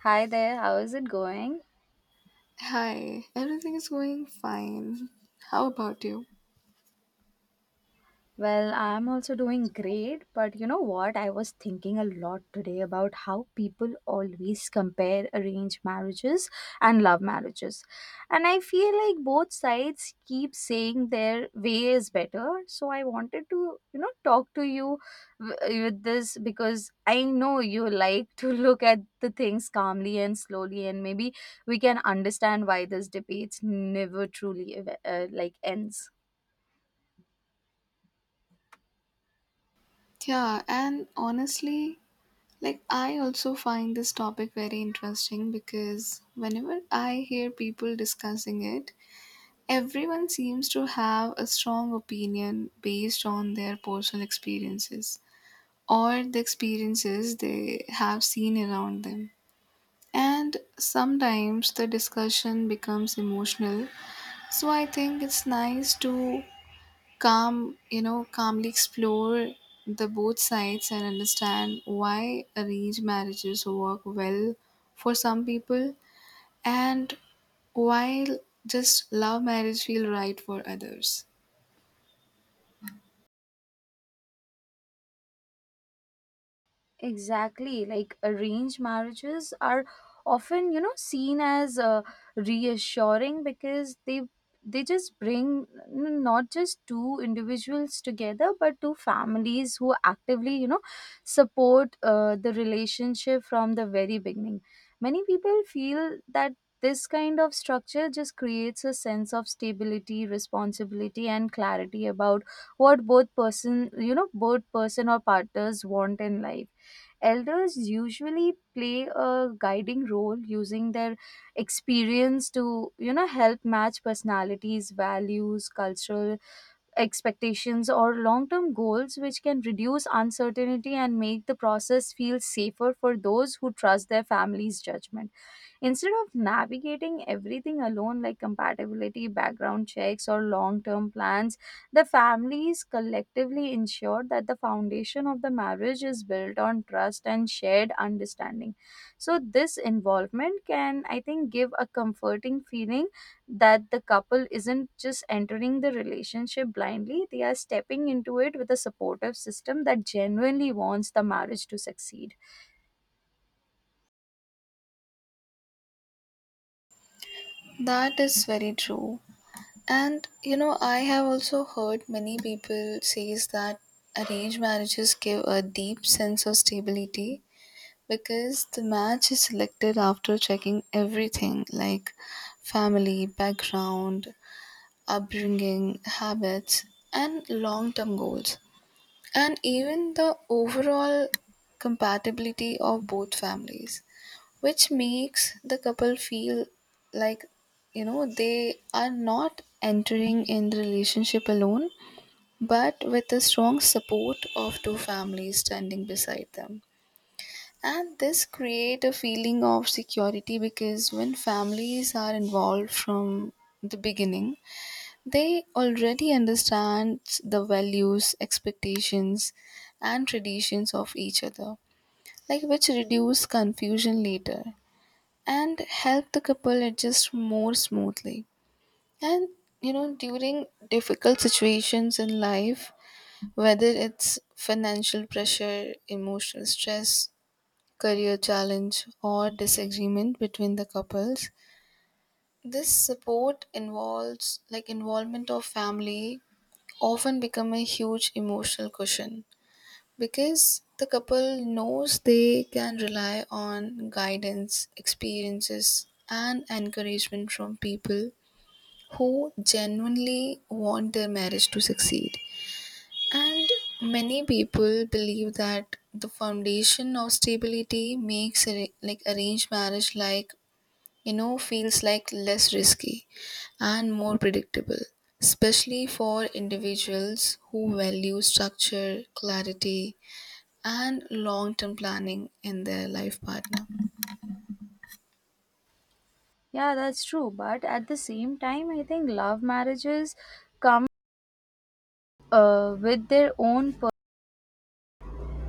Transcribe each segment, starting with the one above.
Hi there, how is it going? Hi, everything is going fine. How about you? Well, I'm also doing great, but you know what? I was thinking a lot today about how people always compare arranged marriages and love marriages. And I feel like both sides keep saying their way is better. So I wanted to, talk to you with this because I know you like to look at the things calmly and slowly, and maybe we can understand why this debate never truly ends. Yeah, and honestly, like I also find this topic very interesting because whenever I hear people discussing it, everyone seems to have a strong opinion based on their personal experiences or the experiences they have seen around them. And sometimes the discussion becomes emotional. So I think it's nice to calmly explore the both sides and understand why arranged marriages work well for some people and while just love marriage feel right for others. Exactly. Like arranged marriages are often, seen as reassuring because they just bring not just two individuals together but two families who actively support the relationship from the very beginning. Many people feel that this kind of structure just creates a sense of stability, responsibility, and clarity about what both person you know both person or partners want in life. Elders usually play a guiding role using their experience to, help match personalities, values, cultural expectations, or long term goals, which can reduce uncertainty and make the process feel safer for those who trust their family's judgment. Instead of navigating everything alone, like compatibility, background checks, or long term plans, the families collectively ensure that the foundation of the marriage is built on trust and shared understanding. So, this involvement can, I think, give a comforting feeling that the couple isn't just entering the relationship blindly, they are stepping into it with a supportive system that genuinely wants the marriage to succeed. That is very true. And you know, I have also heard many people says that arranged marriages give a deep sense of stability because the match is selected after checking everything like family, background, upbringing, habits, and long term goals, and even the overall compatibility of both families, which makes the couple feel like you know they are not entering in the relationship alone but with the strong support of two families standing beside them, and this create a feeling of security because when families are involved from the beginning they already understand the values, expectations, and traditions of each other, like which reduce confusion later and help the couple adjust more smoothly. And you know, during difficult situations in life, whether it's financial pressure, emotional stress, career challenge, or disagreement between the couples, this support involves like involvement of family, often become a huge emotional cushion because the couple knows they can rely on guidance, experiences, and encouragement from people who genuinely want their marriage to succeed. And many people believe that the foundation of stability makes a, like arranged marriage like you know feels like less risky and more predictable, especially for individuals who value structure, clarity, and long term planning in their life partner. Yeah, that's true. But at the same time, I think love marriages come with their own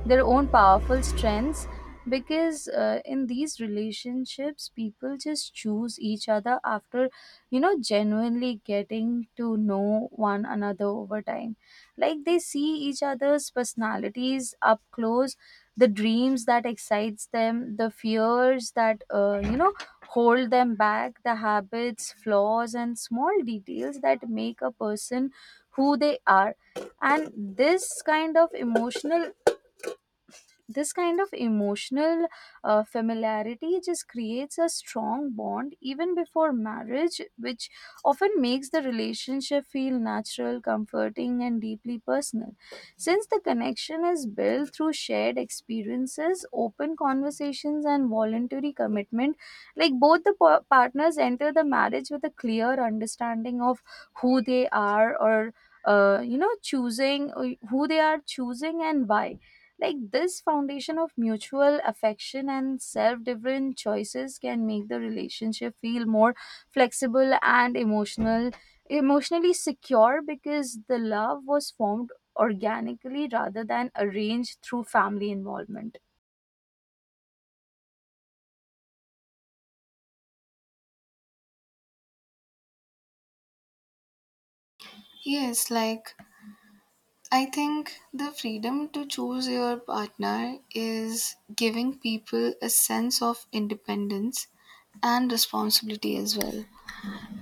their own powerful strengths, because in these relationships people just choose each other after genuinely getting to know one another over time, like they see each other's personalities up close, the dreams that excites them, the fears that hold them back, the habits, flaws, and small details that make a person who they are. And this kind of emotional this kind of emotional familiarity just creates a strong bond even before marriage, which often makes the relationship feel natural, comforting, and deeply personal. Since the connection is built through shared experiences, open conversations, and voluntary commitment, like both the partners enter the marriage with a clear understanding of who they are or you know choosing who they are choosing and why. Like this foundation of mutual affection and self different choices can make the relationship feel more flexible and emotionally secure, because the love was formed organically rather than arranged through family involvement. Yes, like I think the freedom to choose your partner is giving people a sense of independence and responsibility as well.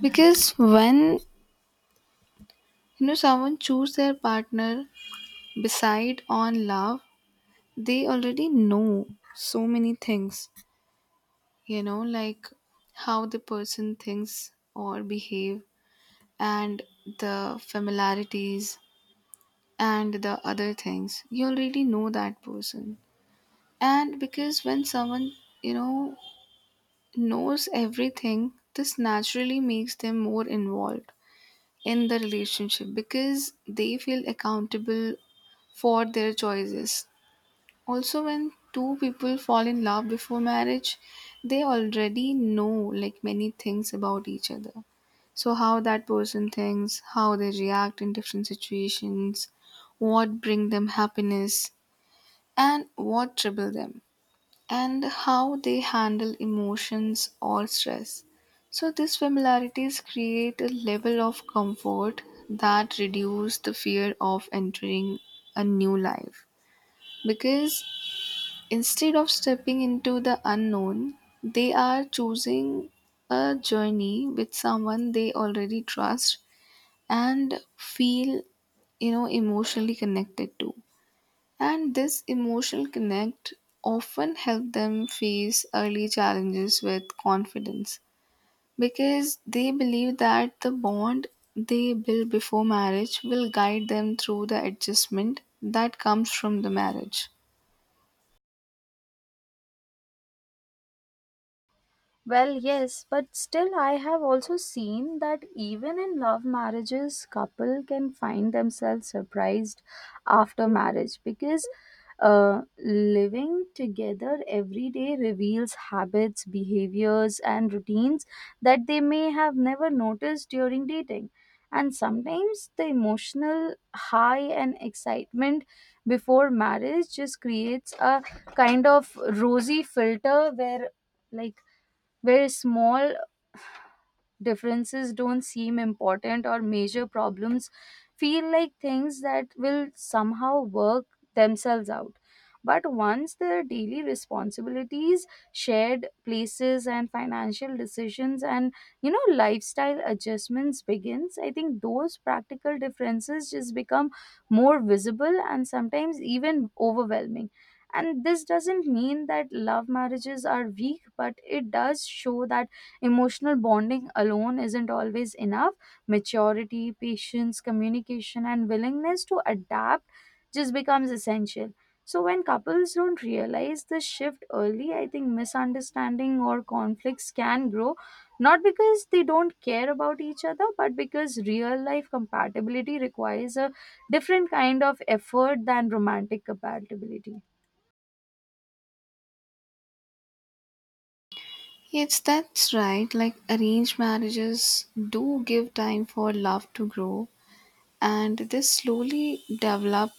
Because when you know someone choose their partner beside on love, they already know so many things you know like how the person thinks or behave, and the familiarities and the other things you already know that person. And because when someone you know knows everything, this naturally makes them more involved in the relationship because they feel accountable for their choices. Also, when two people fall in love before marriage, they already know like many things about each other. So, how that person thinks, how they react in different situations, what bring them happiness, and what trouble them, and how they handle emotions or stress. So, these familiarities create a level of comfort that reduce the fear of entering a new life because instead of stepping into the unknown, they are choosing a journey with someone they already trust and feel, you know, emotionally connected to. And this emotional connect often help them face early challenges with confidence because they believe that the bond they build before marriage will guide them through the adjustment that comes from the marriage. Well, yes, but still, I have also seen that even in love marriages, couple can find themselves surprised after marriage, because living together every day reveals habits, behaviors, and routines that they may have never noticed during dating. And sometimes the emotional high and excitement before marriage just creates a kind of rosy filter where, like where small differences don't seem important or major problems feel like things that will somehow work themselves out. But once the daily responsibilities, shared places, and financial decisions and lifestyle adjustments begins, I think those practical differences just become more visible and sometimes even overwhelming. And this doesn't mean that love marriages are weak, but it does show that emotional bonding alone isn't always enough. Maturity, patience, communication, and willingness to adapt just becomes essential. So when couples don't realize this shift early, I think misunderstanding or conflicts can grow, not because they don't care about each other but because real life compatibility requires a different kind of effort than romantic compatibility. Yes, that's right. Like arranged marriages do give time for love to grow, and this slowly develop,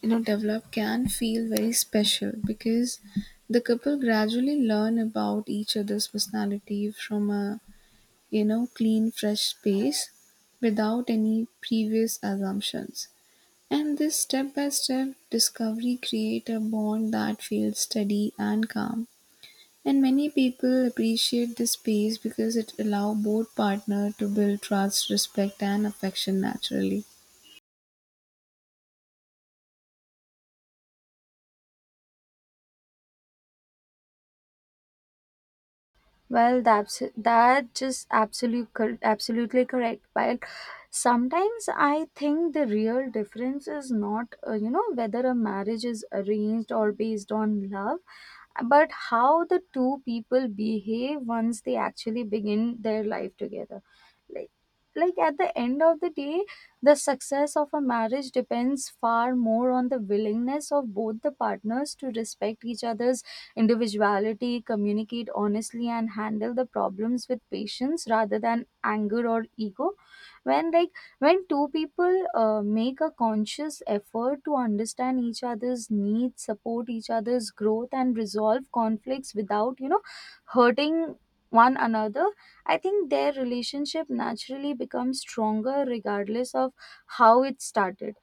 you know, develop can feel very special because the couple gradually learn about each other's personality from a, you know, clean, fresh space without any previous assumptions. And this step by step discovery create a bond that feels steady and calm, and many people appreciate this space because it allows both partner to build trust, respect and affection naturally. Well, that's that just absolute cor- absolutely correct. But sometimes I think the real difference is not whether a marriage is arranged or based on love, but how the two people behave once they actually begin their life together. Like, like at the end of the day, the success of a marriage depends far more on the willingness of both the partners to respect each other's individuality, communicate honestly, and handle the problems with patience rather than anger or ego. When like when two people make a conscious effort to understand each other's needs, support each other's growth, and resolve conflicts without hurting one another, I think their relationship naturally becomes stronger regardless of how it started.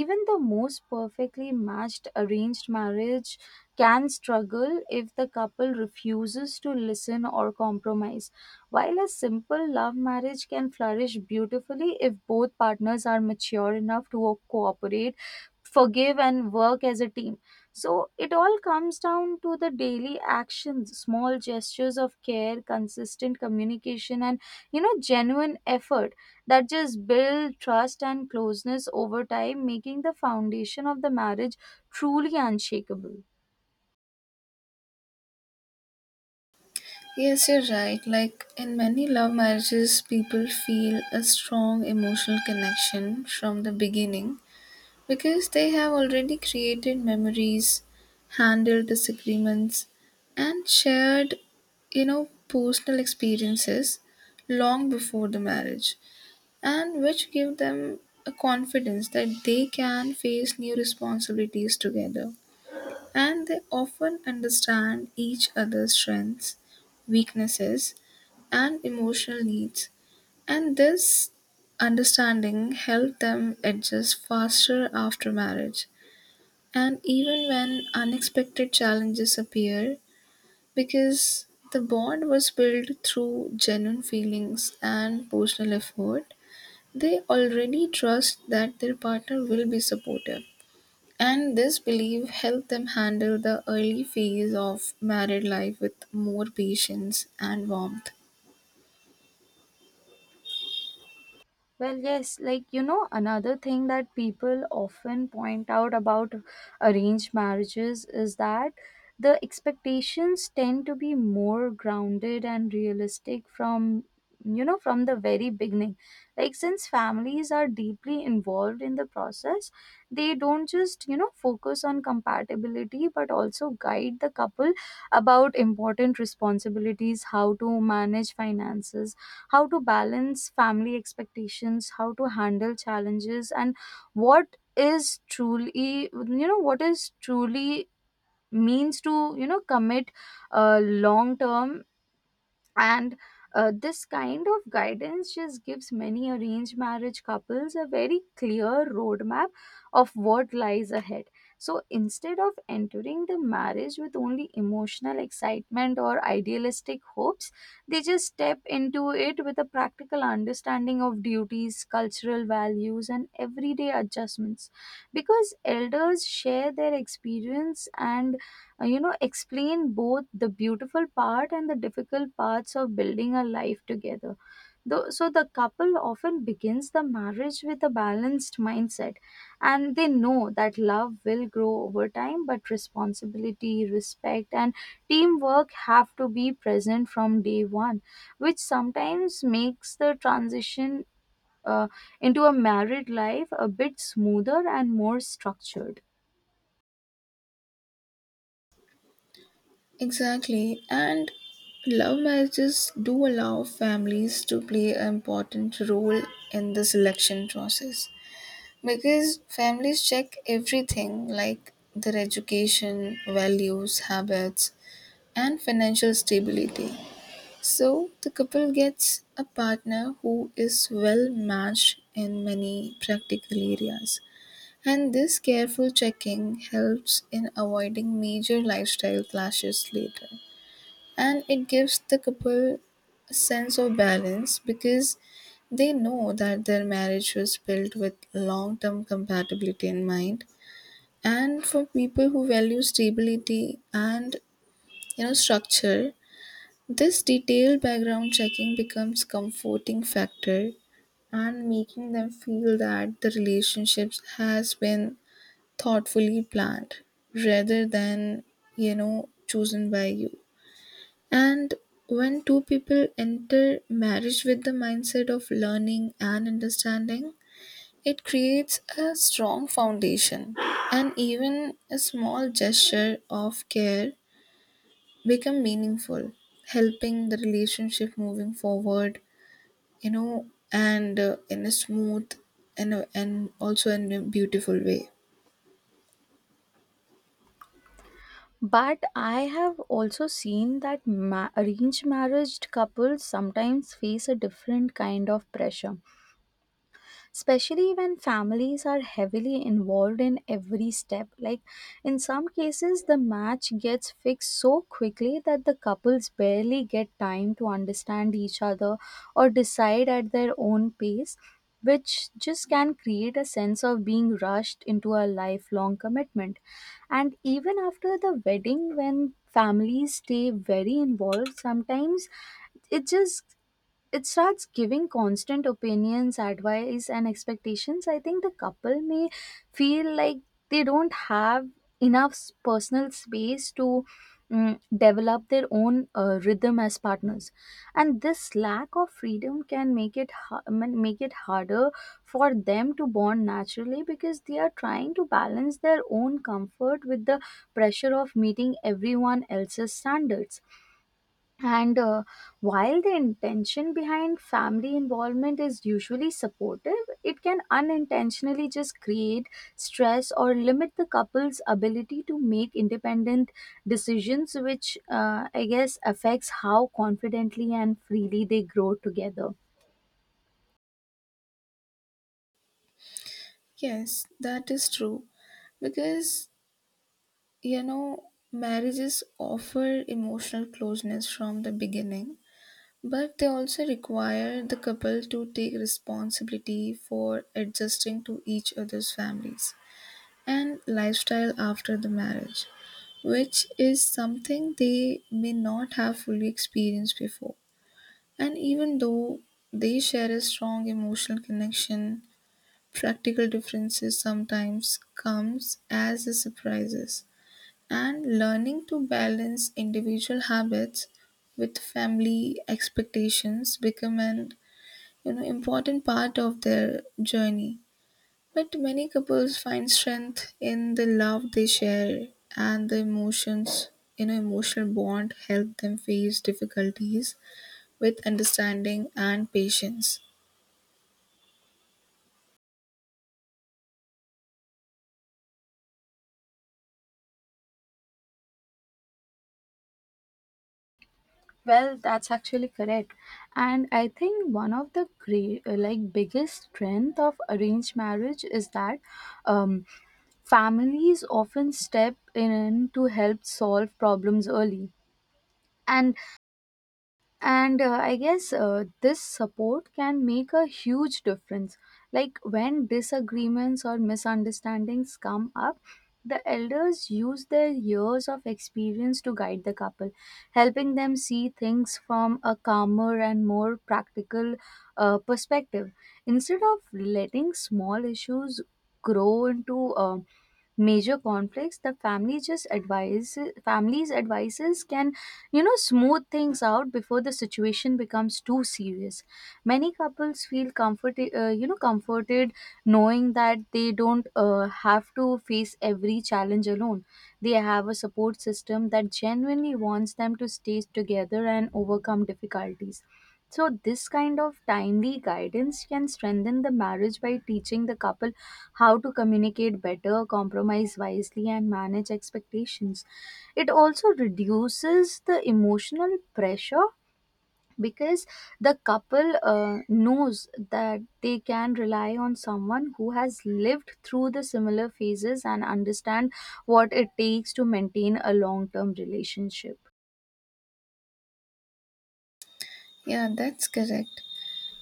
Even the most perfectly matched arranged marriage can struggle if the couple refuses to listen or compromise, while a simple love marriage can flourish beautifully if both partners are mature enough to cooperate, forgive, and work as a team. So it all comes down to the daily actions, small gestures of care, consistent communication, and genuine effort that just build trust and closeness over time, making the foundation of the marriage truly unshakable. Yes, you're right. Like in many love marriages, people feel a strong emotional connection from the beginning because they have already created memories, handled disagreements, and shared, you know, personal experiences long before the marriage, and which give them a confidence that they can face new responsibilities together. And they often understand each other's strengths, weaknesses, and emotional needs. And this understanding helped them adjust faster after marriage. And even when unexpected challenges appear, because the bond was built through genuine feelings and personal effort, they already trust that their partner will be supportive, and this belief helped them handle the early phase of married life with more patience and warmth. Well, yes, like another thing that people often point out about arranged marriages is that the expectations tend to be more grounded and realistic from, from the very beginning. Like since families are deeply involved in the process, they don't just focus on compatibility but also guide the couple about important responsibilities, how to manage finances, how to balance family expectations, how to handle challenges, and what is truly means to, commit uh, long term. And this kind of guidance just gives many arranged marriage couples a very clear roadmap of what lies ahead. So instead of entering the marriage with only emotional excitement or idealistic hopes, they just step into it with a practical understanding of duties, cultural values, and everyday adjustments, because elders share their experience and explain both the beautiful part and the difficult parts of building a life together. Though, so the couple often begins the marriage with a balanced mindset, and they know that love will grow over time but responsibility, respect, and teamwork have to be present from day one, which sometimes makes the transition uh, into a married life a bit smoother and more structured. Exactly, and love marriages do allow families to play an important role in the selection process because families check everything like their education, values, habits, and financial stability. So the couple gets a partner who is well matched in many practical areas, and this careful checking helps in avoiding major lifestyle clashes later. And it gives the couple a sense of balance because they know that their marriage was built with long term compatibility in mind. And for people who value stability and you know structure, this detailed background checking becomes comforting factor and making them feel that the relationships has been thoughtfully planned rather than you know chosen by you. And when two people enter marriage with the mindset of learning and understanding, it creates a strong foundation, and even a small gesture of care become meaningful, helping the relationship moving forward, you know, and in a smooth and also in a beautiful way. But I have also seen that arranged marriage couples sometimes face a different kind of pressure, especially when families are heavily involved in every step. Like in some cases, the match gets fixed so quickly that the couples barely get time to understand each other or decide at their own pace, which just can create a sense of being rushed into a lifelong commitment. And even after the wedding when families stay very involved, sometimes it just it starts giving constant opinions, advice, and expectations, I think the couple may feel like they don't have enough personal space to develop their own rhythm as partners. And this lack of freedom can make it make it harder for them to bond naturally, because they are trying to balance their own comfort with the pressure of meeting everyone else's standards. And while the intention behind family involvement is usually supportive, it can unintentionally just create stress or limit the couple's ability to make independent decisions, which I guess affects how confidently and freely they grow together. Yes, that is true. Because, you know, marriages offer emotional closeness from the beginning, but they also require the couple to take responsibility for adjusting to each other's families and lifestyle after the marriage, which is something they may not have fully experienced before. And even though they share a strong emotional connection, practical differences sometimes comes as a surprises. And learning to balance individual habits with family expectations become an you know important part of their journey. But many couples find strength in the love they share, and the emotions, you know, emotional bond help them face difficulties with understanding and patience. Well, that's actually correct. And I think one of the great, like biggest strength of arranged marriage is that um, families often step in to help solve problems early. And and I guess this support can make a huge difference. Like when disagreements or misunderstandings come up, the elders use their years of experience to guide the couple, helping them see things from a calmer and more practical perspective. Instead of letting small issues grow into major conflicts, the family just advise family's advices can smooth things out before the situation becomes too serious. Many couples feel comforted knowing that they don't have to face every challenge alone. They have a support system that genuinely wants them to stay together and overcome difficulties. So this kind of timely guidance can strengthen the marriage by teaching the couple how to communicate better, compromise wisely, and manage expectations. It also reduces the emotional pressure, because the couple knows that they can rely on someone who has lived through the similar phases and understand what it takes to maintain a long term relationship. Yeah, that's correct.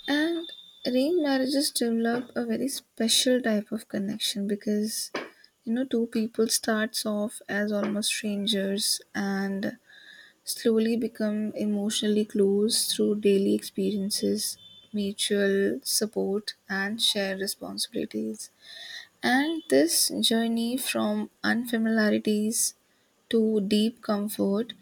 And arranged marriages develop a very special type of connection because you know two people starts off as almost strangers and slowly become emotionally close through daily experiences, mutual support, and shared responsibilities. And this journey from unfamiliarities to deep comfort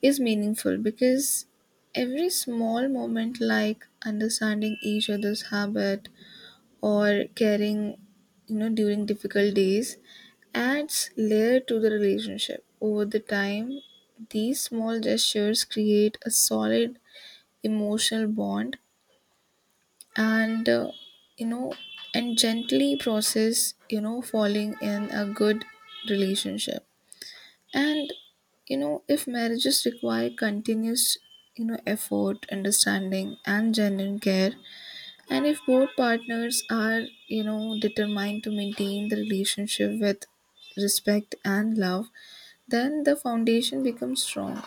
is meaningful because every small moment, like understanding each other's habit, or caring you know during difficult days, adds layer to the relationship over the time. These small gestures create a solid emotional bond, and you know, and gently process you know falling in a good relationship. And you know, if marriages require continuous you know effort, understanding and genuine care, and if both partners are, you know, determined to maintain the relationship with respect and love, then the foundation becomes strong.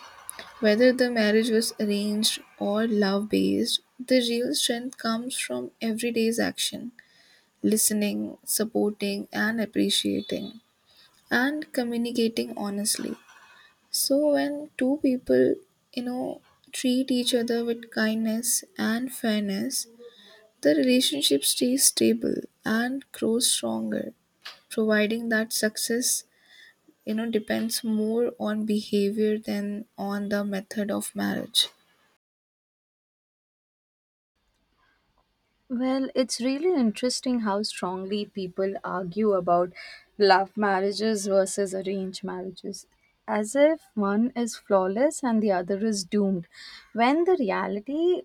Whether the marriage was arranged or love based, the real strength comes from everyday's action, listening, supporting, and appreciating, and communicating honestly. So, when two people, you know, treat each other with kindness and fairness, the relationship stays stable and grows stronger, providing that success, you know, depends more on behavior than on the method of marriage. Well, it's really interesting how strongly people argue about love marriages versus arranged marriages, as if one is flawless and the other is doomed, when the reality,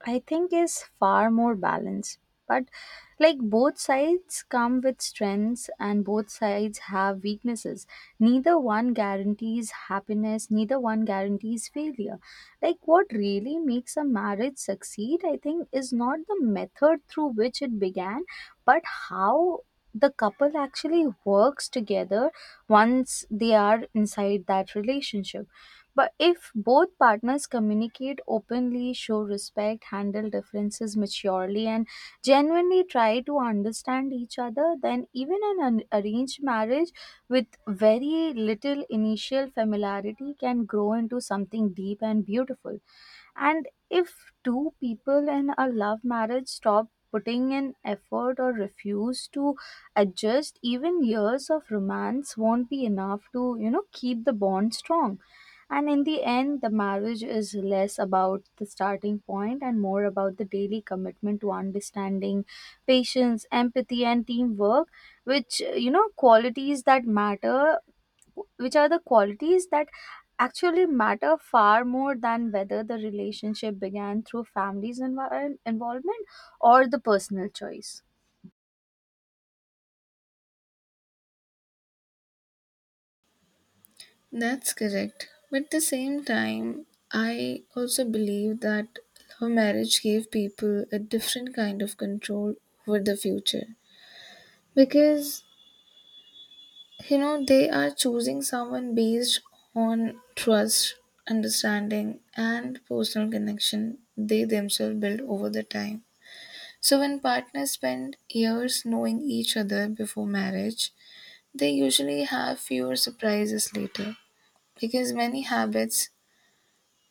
I think, is far more balanced, but like both sides come with strengths and both sides have weaknesses. Neither one guarantees happiness, neither one guarantees failure. Like what really makes a marriage succeed, I think, is not the method through which it began, but how the couple actually works together once they are inside that relationship. But if both partners communicate openly, show respect, handle differences maturely, and genuinely try to understand each other, then even an arranged marriage with very little initial familiarity can grow into something deep and beautiful. And if two people in a love marriage stop putting in effort or refuse to adjust, even years of romance won't be enough to, you know, keep the bond strong. And in the end, the marriage is less about the starting point and more about the daily commitment to understanding, patience, empathy, and teamwork, which, you know, qualities that matter which are the qualities that actually matter far more than whether the relationship began through family's involvement or the personal choice. That's correct. But at the same time, I also believe that love marriage gave people a different kind of control over the future. Because you know they are choosing someone based on trust, understanding and personal connection they themselves build over the time. So when partners spend years knowing each other before marriage, they usually have fewer surprises later because many habits,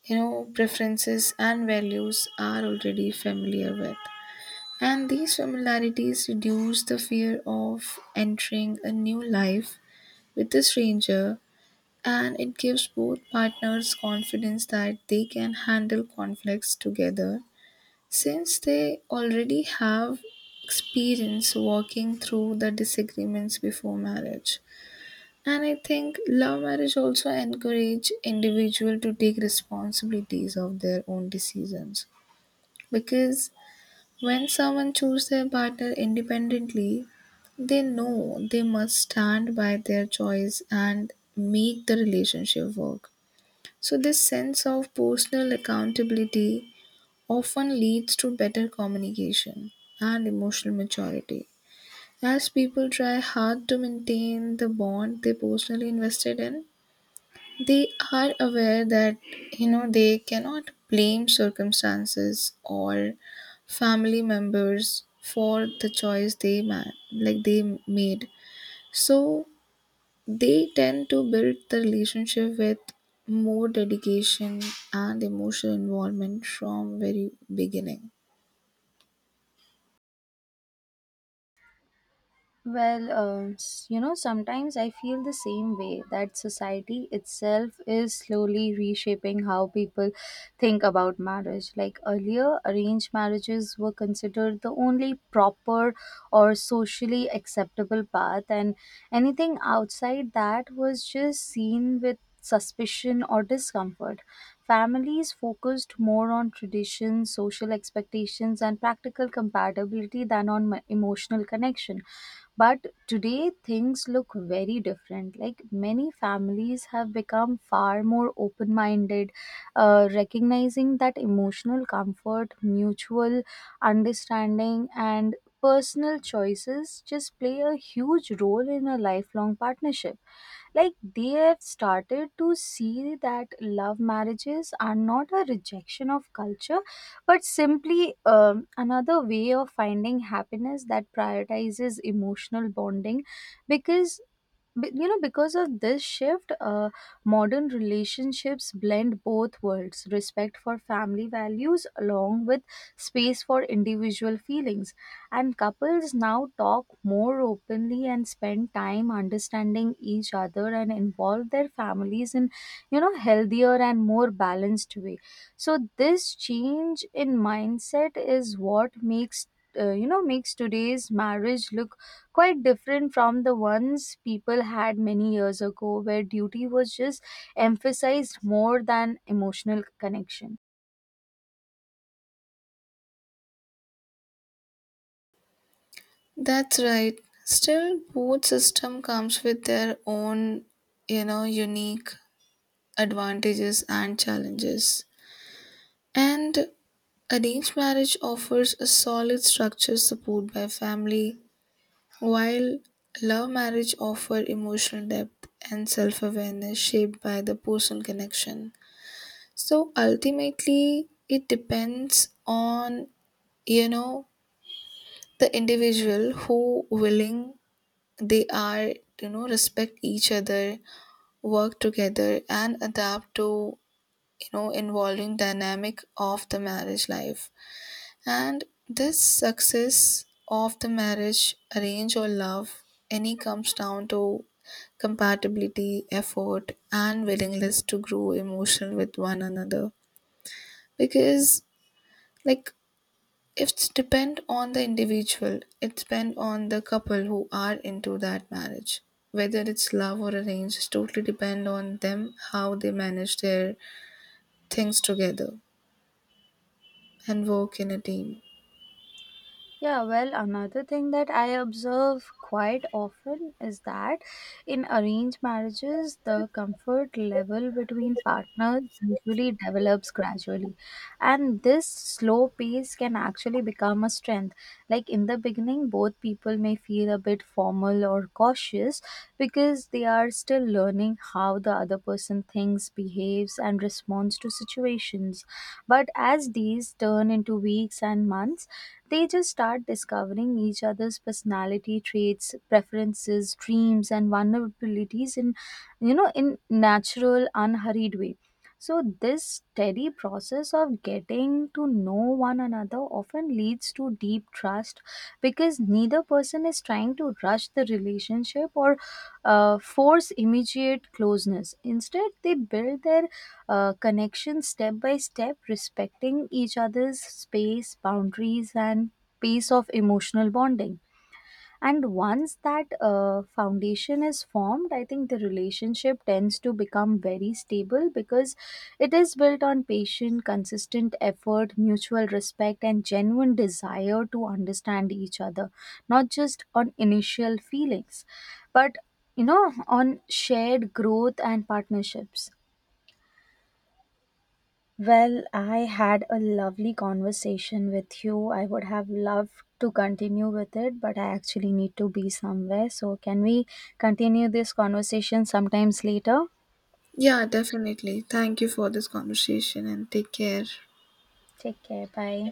you know, preferences and values are already familiar with, and these familiarities reduce the fear of entering a new life with a stranger, and it gives both partners confidence that they can handle conflicts together since they already have experience working through the disagreements before marriage. And I think love marriage also encourage individual to take responsibilities of their own decisions because when someone choose their partner independently, they know they must stand by their choice and make the relationship work. So, this sense of personal accountability often leads to better communication and emotional maturity. As people try hard to maintain the bond they personally invested in, they are aware that you know they cannot blame circumstances or family members for the choice they ma- like they made. So they tend to build the relationship with more dedication and emotional involvement from very beginning. Well, sometimes I feel the same way, that society itself is slowly reshaping how people think about marriage. Like earlier, arranged marriages were considered the only proper or socially acceptable path, and anything outside that was just seen with suspicion or discomfort. Families focused more on tradition, social expectations, and practical compatibility than on emotional connection, but today things look very different. Like many families have become far more open minded, recognizing that emotional comfort, mutual understanding, and personal choices just play a huge role in a lifelong partnership. Like they have started to see that love marriages are not a rejection of culture, but simply, another way of finding happiness that prioritizes emotional bonding. Because because of this shift, modern relationships blend both worlds, respect for family values along with space for individual feelings. And couples now talk more openly and spend time understanding each other and involve their families in, you know, healthier and more balanced way. So this change in mindset is what makes you know makes today's marriage look quite different from the ones people had many years ago, where duty was just emphasized more than emotional connection. That's right. Still, both system comes with their own, you know, unique advantages and challenges. And arranged marriage offers a solid structure support by family, while love marriage offer emotional depth and self-awareness shaped by the personal connection. So ultimately, it depends on, you know, the individual who willing they are, you know, respect each other, work together and adapt to, you know, involving dynamic of the marriage life. And this success of the marriage, arrange or love, any comes down to compatibility, effort and willingness to grow emotional with one another. Because like It's depend on the individual. It's depend on the couple who are into that marriage. Whether it's love or arranged, it's totally depend on them how they manage their things together and work in a team. Yeah, well, another thing that I observe quite often is that in arranged marriages, the comfort level between partners usually develops gradually. And this slow pace can actually become a strength. Like in the beginning, both people may feel a bit formal or cautious because they are still learning how the other person thinks, behaves, and responds to situations. But as these turn into weeks and months, they just start discovering each other's personality traits, preferences, dreams, and vulnerabilities in, you know, in natural, unhurried way. So this steady process of getting to know one another often leads to deep trust, because neither person is trying to rush the relationship or force immediate closeness. Instead they build their connection step by step, respecting each other's space, boundaries, and pace of emotional bonding. And once that foundation is formed, I think the relationship tends to become very stable because it is built on patient, consistent effort, mutual respect, and genuine desire to understand each other, not just on initial feelings, but, you know, on shared growth and partnerships. Well, I had a lovely conversation with you. I would have loved to continue with it, but I actually need to be somewhere. So, can we continue this conversation sometimes later? Yeah, definitely. Thank you for this conversation and take care. Take care. Bye.